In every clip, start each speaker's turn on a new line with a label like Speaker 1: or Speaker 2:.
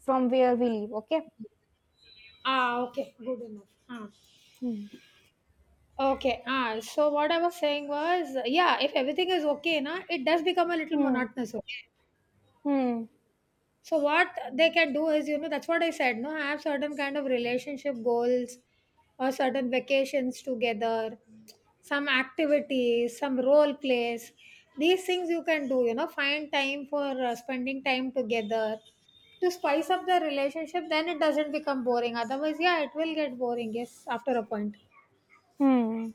Speaker 1: From where we live. Okay.
Speaker 2: Okay, good enough. Ah.
Speaker 1: Hmm.
Speaker 2: Okay, so what I was saying was, yeah, if everything is okay, na, it does become a little
Speaker 1: Hmm.
Speaker 2: monotonous. Okay.
Speaker 1: Hmm.
Speaker 2: So what they can do is, you know, that's what I said, no, have certain kind of relationship goals or certain vacations together, some activities, some role plays. These things you can do, you know, find time for spending time together to spice up the relationship, then it doesn't become boring. Otherwise, yeah, it will get boring, yes, after a point.
Speaker 1: Hmm.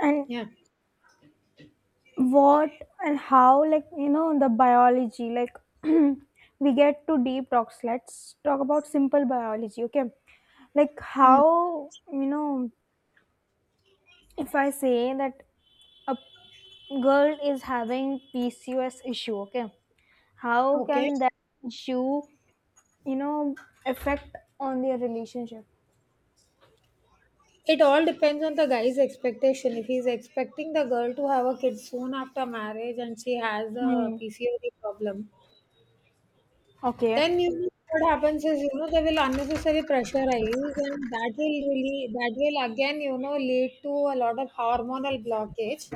Speaker 1: And
Speaker 2: Yeah.
Speaker 1: what and how, like, the biology, like, we get to deep talks. Let's talk about simple biology, okay? Like, how, if I say that a girl is having PCOS issue, okay? How
Speaker 2: Okay.
Speaker 1: can that issue, you know, affect on their relationship?
Speaker 2: It all depends on the guy's expectation. If he's expecting the girl to have a kid soon after marriage and she has a
Speaker 1: Hmm.
Speaker 2: PCOD problem,
Speaker 1: Okay.
Speaker 2: then you know what happens is you know they will unnecessarily pressurize and that will again you know lead to a lot of hormonal blockage.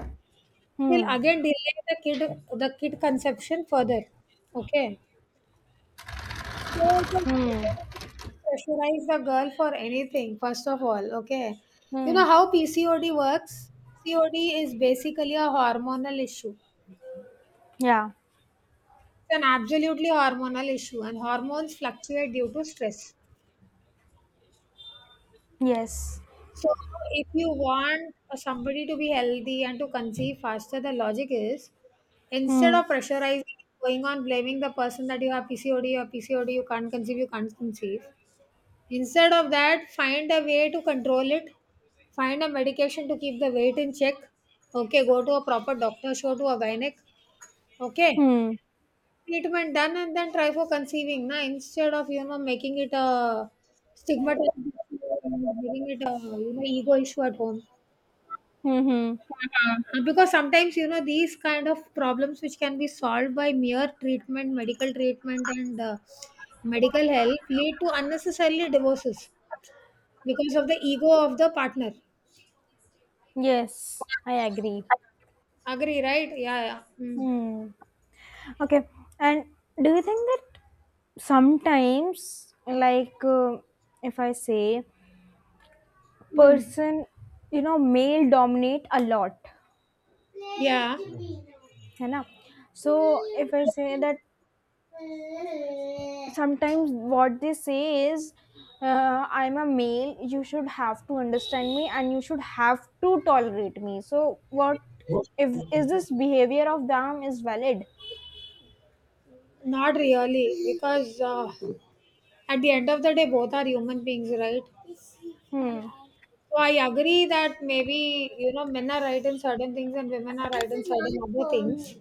Speaker 2: Will
Speaker 1: Hmm.
Speaker 2: again delay the kid conception further. Okay. So just
Speaker 1: Hmm.
Speaker 2: pressurize the girl for anything, first of all, okay? You
Speaker 1: Hmm.
Speaker 2: know how PCOD works? PCOD is basically a hormonal issue. It's
Speaker 1: Yeah.
Speaker 2: an absolutely hormonal issue, and hormones fluctuate due to stress.
Speaker 1: Yes.
Speaker 2: So, if you want somebody to be healthy and to conceive faster, the logic is instead
Speaker 1: Hmm.
Speaker 2: of pressurizing, going on blaming the person that you have PCOD or PCOD, you can't conceive, you can't conceive. Instead of that, find a way to control it. Find a medication to keep the weight in check. Okay, go to a proper doctor, show to a gynec. Okay,
Speaker 1: Hmm.
Speaker 2: treatment done and then try for conceiving. Na, instead of you know making it a stigmatized, making it a you know ego issue at home.
Speaker 1: Hmm. Hmm.
Speaker 2: Because sometimes you know these kind of problems which can be solved by mere treatment medical treatment and medical help lead to unnecessarily divorces because of the ego of the partner.
Speaker 1: Yes. I agree.
Speaker 2: Agree, right? Yeah, yeah. Mm.
Speaker 1: Hmm. Okay. And do you think that sometimes, like, if I say,
Speaker 2: Mm.
Speaker 1: person, male dominate a lot,
Speaker 2: Yeah,
Speaker 1: है ना? So if I say that sometimes what they say is, I'm a male, you should have to understand me and you should have to tolerate me. So what if, is this behavior of them is valid?
Speaker 2: not really, because at the end of the day, both are human beings, right?
Speaker 1: Hmm.
Speaker 2: So I agree that maybe you know men are right in certain things and women are right in certain other things.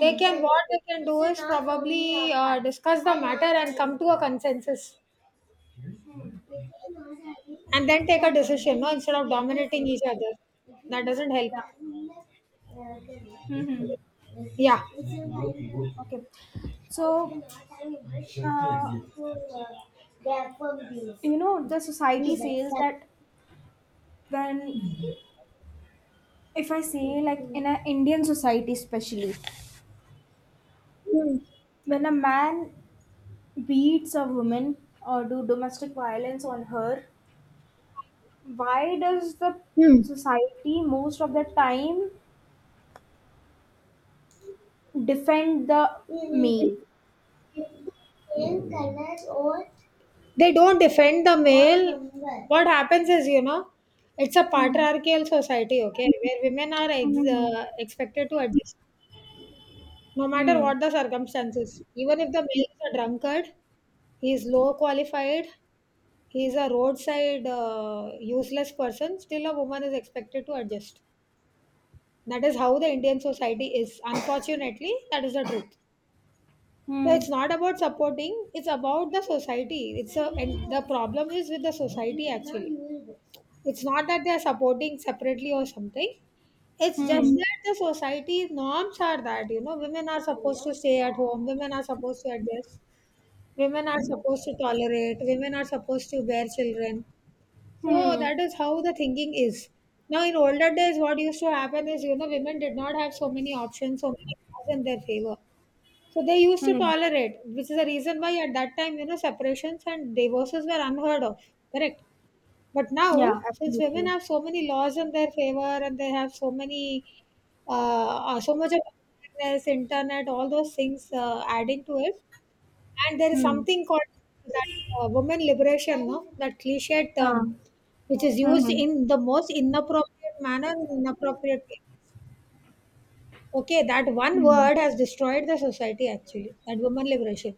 Speaker 2: They can what they can do is probably discuss the matter and come to a consensus, and then take a decision. No, instead of dominating each other, that doesn't help.
Speaker 1: Yeah. Mm-hmm.
Speaker 2: Yeah.
Speaker 1: Okay. So, uh, the society says that when, if I say, like in an Indian society, especially, when a man beats a woman or do domestic violence on her, why does the
Speaker 2: Hmm.
Speaker 1: society most of the time defend the male?
Speaker 2: They don't defend the male. What happens is, you know, it's a
Speaker 1: Hmm.
Speaker 2: patriarchal society, okay, where women are
Speaker 1: Hmm.
Speaker 2: expected to adjust no matter
Speaker 1: Hmm.
Speaker 2: what the circumstances. Even if the male is a drunkard, he is low qualified, he is a roadside useless person, still a woman is expected to adjust. That is how the Indian society is. Unfortunately, that is the truth. So
Speaker 1: Hmm.
Speaker 2: it's not about supporting, it's about the society. It's a and the problem is with the society actually. It's not that they're supporting separately or something. It's just
Speaker 1: Hmm.
Speaker 2: That the society norms are that, you know, women are supposed to stay at home, women are supposed to adjust, women are supposed to tolerate, women are supposed to bear children. So
Speaker 1: Hmm.
Speaker 2: that is how the thinking is. Now, in older days, what used to happen is, you know, women did not have so many options, so many laws in their favor. So they used to
Speaker 1: Hmm.
Speaker 2: tolerate, which is the reason why at that time, you know, separations and divorces were unheard of. Correct? But
Speaker 1: Yeah,
Speaker 2: now, since women
Speaker 1: absolutely.
Speaker 2: have so many laws in their favor and they have so many, uh, so much of awareness, internet, all those things adding to it, and there is
Speaker 1: Hmm.
Speaker 2: something called that woman liberation, no? That cliched
Speaker 1: Uh,
Speaker 2: term, which is
Speaker 1: hmm.
Speaker 2: used
Speaker 1: Hmm.
Speaker 2: in the most inappropriate manner, and inappropriate way. Okay, that one
Speaker 1: Hmm.
Speaker 2: word has destroyed the society actually. That woman liberation.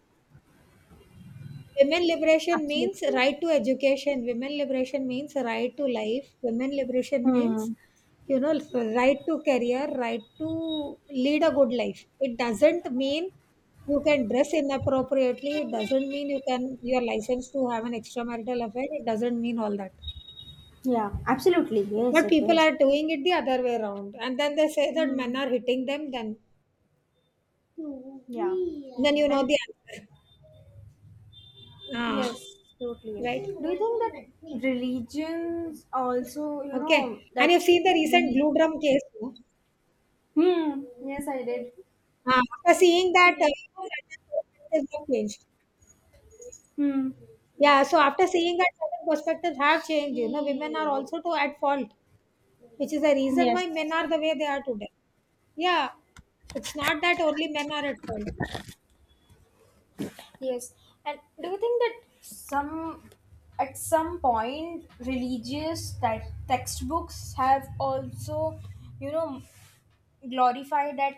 Speaker 2: Women liberation means
Speaker 1: Absolutely.
Speaker 2: right to education. Women liberation means right to life. Women liberation means,
Speaker 1: Hmm.
Speaker 2: you know, right to career, right to lead a good life. It doesn't mean you can dress inappropriately. It doesn't mean you're licensed to have an extramarital affair. It doesn't mean all that.
Speaker 1: Yeah, absolutely. Yes,
Speaker 2: But
Speaker 1: it
Speaker 2: people
Speaker 1: is.
Speaker 2: are doing it the other way around, and then they say that men
Speaker 1: Hmm.
Speaker 2: are hitting them.
Speaker 1: Yeah.
Speaker 2: Then you know
Speaker 1: And
Speaker 2: the answer. Ah,
Speaker 1: yes, totally.
Speaker 2: right.
Speaker 1: Do you think that religions also,
Speaker 2: Okay.
Speaker 1: that
Speaker 2: And you've seen the recent
Speaker 1: really?
Speaker 2: glue drum case. No?
Speaker 1: Hmm. Yes, I did.
Speaker 2: After seeing that, you know, certain perspectives have changed.
Speaker 1: Hmm.
Speaker 2: Yeah. So after seeing that certain perspectives have changed, you know, women are also too at fault, which is the reason why men
Speaker 1: Yes.
Speaker 2: are the way they are today. Yeah. It's not that only men are at fault.
Speaker 1: Yes. And do you think that some at some point religious textbooks have also, you know, glorified that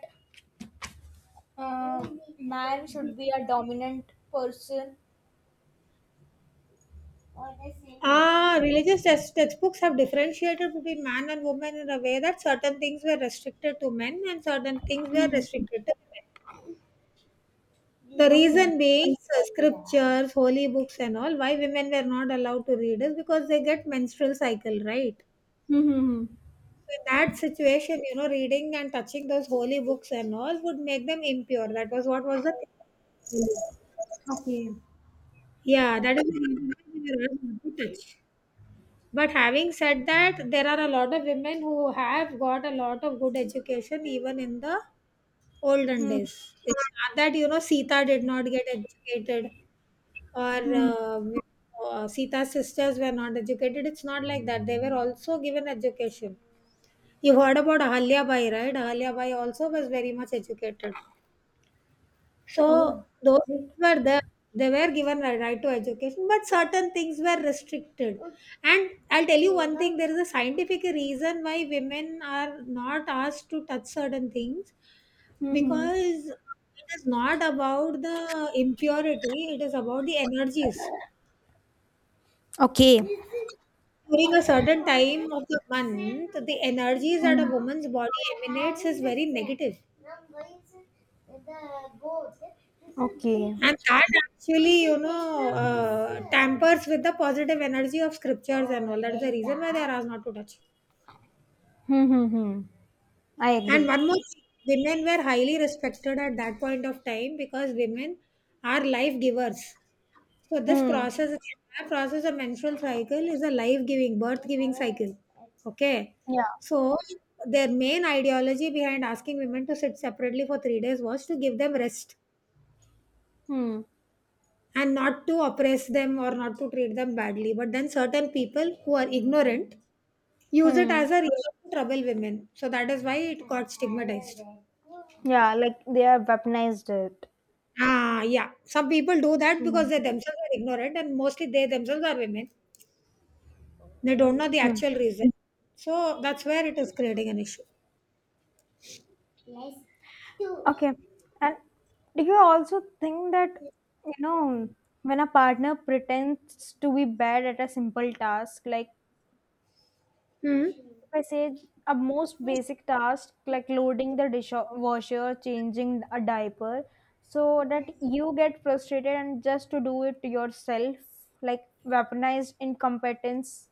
Speaker 1: uh, man should be a dominant person?
Speaker 2: Ah, textbooks have differentiated between man and woman in a way that certain things were restricted to men and certain things were
Speaker 1: Hmm.
Speaker 2: restricted to women. The
Speaker 1: Okay.
Speaker 2: reason being scriptures, holy books, and all why women were not allowed to read is because they get menstrual cycle, right? So
Speaker 1: Hmm.
Speaker 2: in that situation, you know, reading and touching those holy books and all would make them impure. That was what was the thing.
Speaker 1: Okay.
Speaker 2: Yeah. That is the reason why they were asked not to touch. But having said that, there are a lot of women who have got a lot of good education even in the olden
Speaker 1: Hmm.
Speaker 2: days. It's not that you know Sita did not get educated or
Speaker 1: Hmm.
Speaker 2: Sita's sisters were not educated. It's not like that. They were also given education. You heard about Ahalya Bai, right? Ahalya Bai also was very much educated. So
Speaker 1: Oh.
Speaker 2: those
Speaker 1: Right.
Speaker 2: were there. They were given a right to education, but certain things were restricted. And I'll tell you one thing: there is a scientific reason why women are not asked to touch certain things
Speaker 1: Hmm.
Speaker 2: because it is not about the impurity; it is about the energies.
Speaker 1: Okay.
Speaker 2: During a certain time of the month, the energies that a
Speaker 1: Hmm.
Speaker 2: woman's body emanates is very negative.
Speaker 1: Okay.
Speaker 2: And that actually, you know, tampers with the positive energy of scriptures and all. That's the reason why they are asked not to touch.
Speaker 1: Hmm. Hmm. Hmm. I
Speaker 2: And
Speaker 1: agree.
Speaker 2: one more thing, women were highly respected at that point of time because women are life givers. So this
Speaker 1: Hmm.
Speaker 2: process, the entire process of menstrual cycle is a life-giving, birth-giving cycle. Okay. So their main ideology behind asking women to sit separately for 3 days was to give them rest
Speaker 1: Hmm.
Speaker 2: and not to oppress them or not to treat them badly. But then certain people who are ignorant use it
Speaker 1: Hmm.
Speaker 2: as a reason to trouble women. So that is why it got stigmatized.
Speaker 1: Yeah, like they have weaponized it.
Speaker 2: Ah, yeah. Some people do that because
Speaker 1: Mm,
Speaker 2: they themselves are ignorant and mostly they themselves are women. They don't know the
Speaker 1: mm.
Speaker 2: actual reason. So that's where it is creating an issue.
Speaker 1: Okay. And do you also think that, you know, when a partner pretends to be bad at a simple task, like,
Speaker 2: Hmm.
Speaker 1: if I say, a most basic task, like loading the dishwasher, changing a diaper, so that you get frustrated and just to do it yourself, like weaponized incompetence?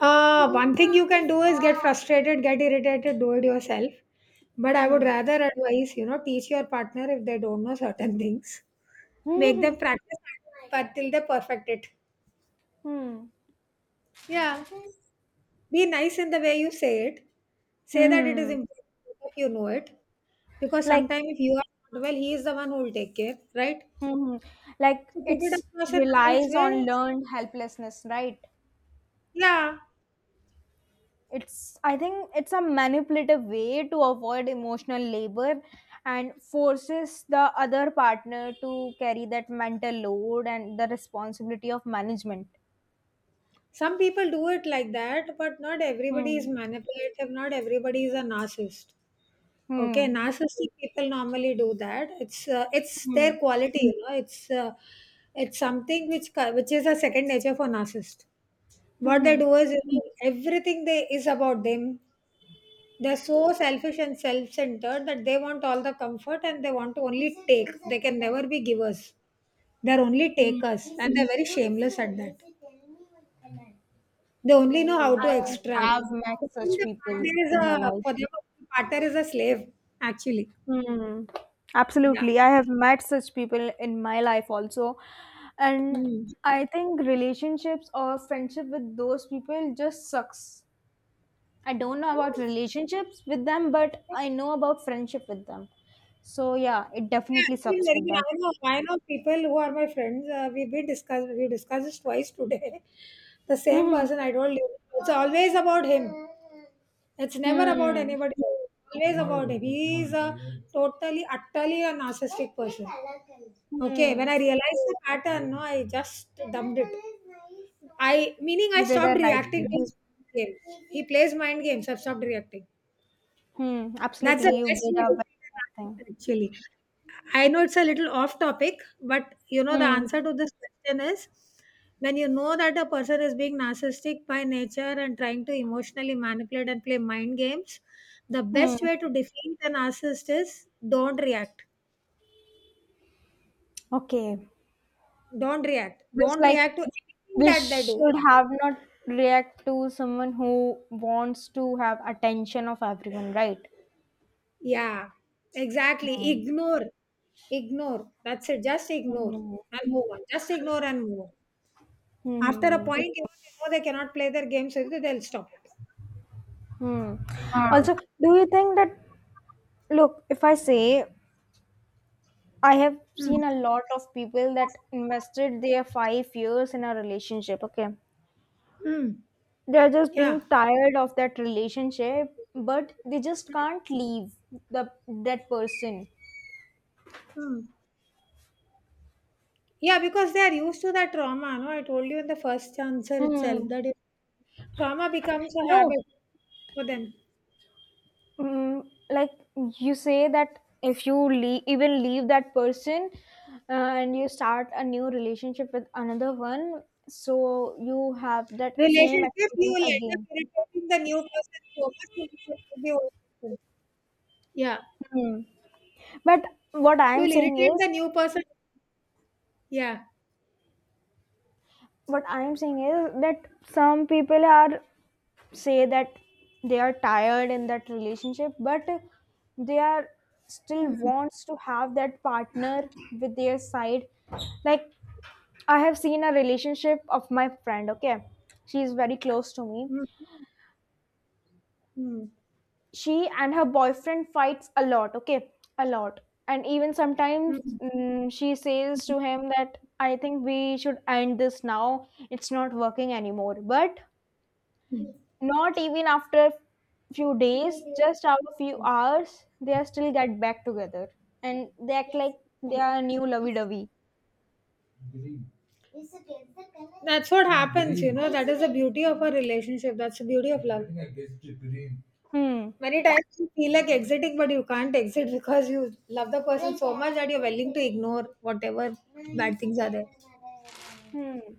Speaker 2: One thing you can do is get frustrated, get irritated, do it yourself. But I would
Speaker 1: Hmm.
Speaker 2: rather advise, you know, teach your partner if they don't know certain things. Make them practice but till they perfect it.
Speaker 1: Hmm.
Speaker 2: Yeah. Be nice in the way you say it. Say that it is
Speaker 1: Hmm.
Speaker 2: important if you know it. Because
Speaker 1: Like.
Speaker 2: sometimes if you are not well, he is the one who will take care, right?
Speaker 1: Mhm. Like,
Speaker 2: So put it
Speaker 1: it's,
Speaker 2: across in a nice
Speaker 1: relies on
Speaker 2: way.
Speaker 1: learned helplessness, right?
Speaker 2: Yeah.
Speaker 1: It's I think it's a manipulative way to avoid emotional labor and forces the other partner to carry that mental load and the responsibility of management.
Speaker 2: Some people do it like that, but not everybody is
Speaker 1: Hmm.
Speaker 2: manipulative. Not everybody is a narcissist. Okay,
Speaker 1: Hmm.
Speaker 2: narcissistic people normally do that. It's their
Speaker 1: Hmm.
Speaker 2: quality, you know. It's something which is a second nature for narcissist. What they
Speaker 1: Hmm.
Speaker 2: do is you know, everything they is about them. They're so selfish and self-centered that they want all the comfort and they want to only take. They can never be givers. They're only takers, and they're very shameless at that. They only know how to. Yeah,
Speaker 1: I
Speaker 2: extract.
Speaker 1: have
Speaker 2: That's
Speaker 1: met
Speaker 2: For
Speaker 1: such
Speaker 2: the
Speaker 1: people
Speaker 2: partner is
Speaker 1: in my
Speaker 2: a
Speaker 1: life.
Speaker 2: for them, the partner is a slave, actually.
Speaker 1: Hmm.
Speaker 2: Yeah.
Speaker 1: Absolutely. I have met such people in my life also. And
Speaker 2: Mm.
Speaker 1: I think relationships or friendship with those people just sucks. I don't know about relationships with them, but I know about friendship with them. So yeah, it
Speaker 2: Yeah,
Speaker 1: definitely
Speaker 2: actually,
Speaker 1: sucks
Speaker 2: very
Speaker 1: with
Speaker 2: good.
Speaker 1: them.
Speaker 2: I know people who are my friends. We discussed, we discussed this twice today. The same person I told you. It's always about him. It's never about
Speaker 1: Hmm.
Speaker 2: anybody else. Always about him. He is a totally, utterly a narcissistic person. Okay, when
Speaker 1: Hmm.
Speaker 2: I realized the pattern, no, I just dumped it. I meaning I
Speaker 1: You did a
Speaker 2: stopped
Speaker 1: right
Speaker 2: reacting to
Speaker 1: thing.
Speaker 2: his game. He plays mind games. I've stopped reacting.
Speaker 1: Hmm.
Speaker 2: That's the
Speaker 1: Absolutely.
Speaker 2: So
Speaker 1: You
Speaker 2: best
Speaker 1: did a
Speaker 2: way to
Speaker 1: very
Speaker 2: be an
Speaker 1: right thing.
Speaker 2: artist, actually. I know it's a little off topic, but you know, the
Speaker 1: Hmm.
Speaker 2: answer to this question is when you know that a person is being narcissistic by nature and trying to emotionally manipulate and play mind games, the best
Speaker 1: Hmm.
Speaker 2: way to defeat a narcissist is don't react.
Speaker 1: Okay.
Speaker 2: Don't react.
Speaker 1: Just
Speaker 2: Don't
Speaker 1: like
Speaker 2: react to anything
Speaker 1: we
Speaker 2: that they do.
Speaker 1: should have not react to someone who wants to have attention of everyone, right?
Speaker 2: Yeah, exactly. Ignore. Ignore. That's it. Just ignore
Speaker 1: Mhm.
Speaker 2: and move on. Just ignore and move on. After a
Speaker 1: Hmm.
Speaker 2: point, you they know they cannot play their games, so they'll stop it.
Speaker 1: Hmm. Hmm.
Speaker 2: Ah.
Speaker 1: Also, do you think that, look, if I say, I have
Speaker 2: Mm.
Speaker 1: seen a lot of people that invested their 5 years in a relationship, okay,
Speaker 2: Mm.
Speaker 1: they're just being
Speaker 2: Yeah.
Speaker 1: tired of that relationship, but they just can't leave the that person.
Speaker 2: Mm. Yeah, because they are used to that trauma. No, I told you in the first answer itself
Speaker 1: Hmm.
Speaker 2: that trauma becomes a
Speaker 1: No,
Speaker 2: habit for them.
Speaker 1: Like you say that if you leave, even leave that person, and you start a new relationship with another one, so you have that same
Speaker 2: Relationship, you will
Speaker 1: experience
Speaker 2: end
Speaker 1: again.
Speaker 2: up irritating the new person so much you become the old person. Yeah.
Speaker 1: Hmm. But what
Speaker 2: You
Speaker 1: I'm
Speaker 2: will
Speaker 1: saying
Speaker 2: irritate
Speaker 1: is,
Speaker 2: the new person. Yeah.
Speaker 1: what I'm saying is that some people are, say that they are tired in that relationship, but they are still wants to have that partner with their side. Like, I have seen a relationship of my friend, okay? She is very close to me. She and her boyfriend fights a lot, okay? A lot. And even sometimes
Speaker 2: Mm-hmm.
Speaker 1: she says to him that I think we should end this now. It's not working anymore. But not even after few days, just after few hours, they are still get back together. And they act like they are new lovey-dovey.
Speaker 2: That's what happens, you know. That is the beauty of a relationship. That's the beauty of love.
Speaker 1: Hmm.
Speaker 2: Many times you feel like exiting, but you can't exit because you love the person so much that you're willing to ignore whatever bad things are there.
Speaker 1: Hmm.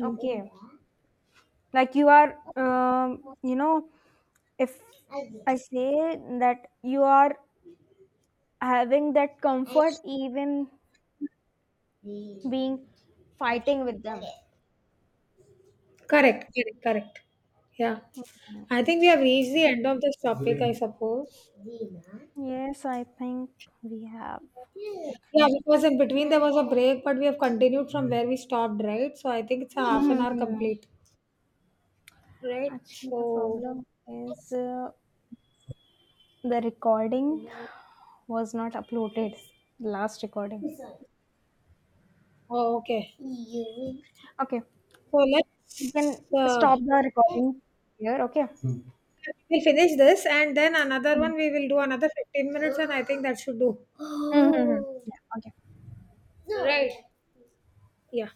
Speaker 2: Mm.
Speaker 1: Okay. Like, you are, if I say that you are having that comfort even being fighting with them.
Speaker 2: Correct, correct, correct. Yeah. I think we have reached the end of this topic, I suppose.
Speaker 1: Yes, I think we have.
Speaker 2: Yeah, because in between there was a break, but we have continued from where we stopped, right? So I think it's a half an hour
Speaker 1: Hmm.
Speaker 2: complete, right?
Speaker 1: Actually, the
Speaker 2: So
Speaker 1: problem is, the recording was not uploaded. Last recording.
Speaker 2: oh, okay.
Speaker 1: Okay,
Speaker 2: So
Speaker 1: you
Speaker 2: let's
Speaker 1: can
Speaker 2: uh,
Speaker 1: stop the recording here. Okay.
Speaker 2: we'll finish this and then another one we will do another 15 minutes and I think that should do.
Speaker 1: Mm-hmm. Okay.
Speaker 2: Yeah.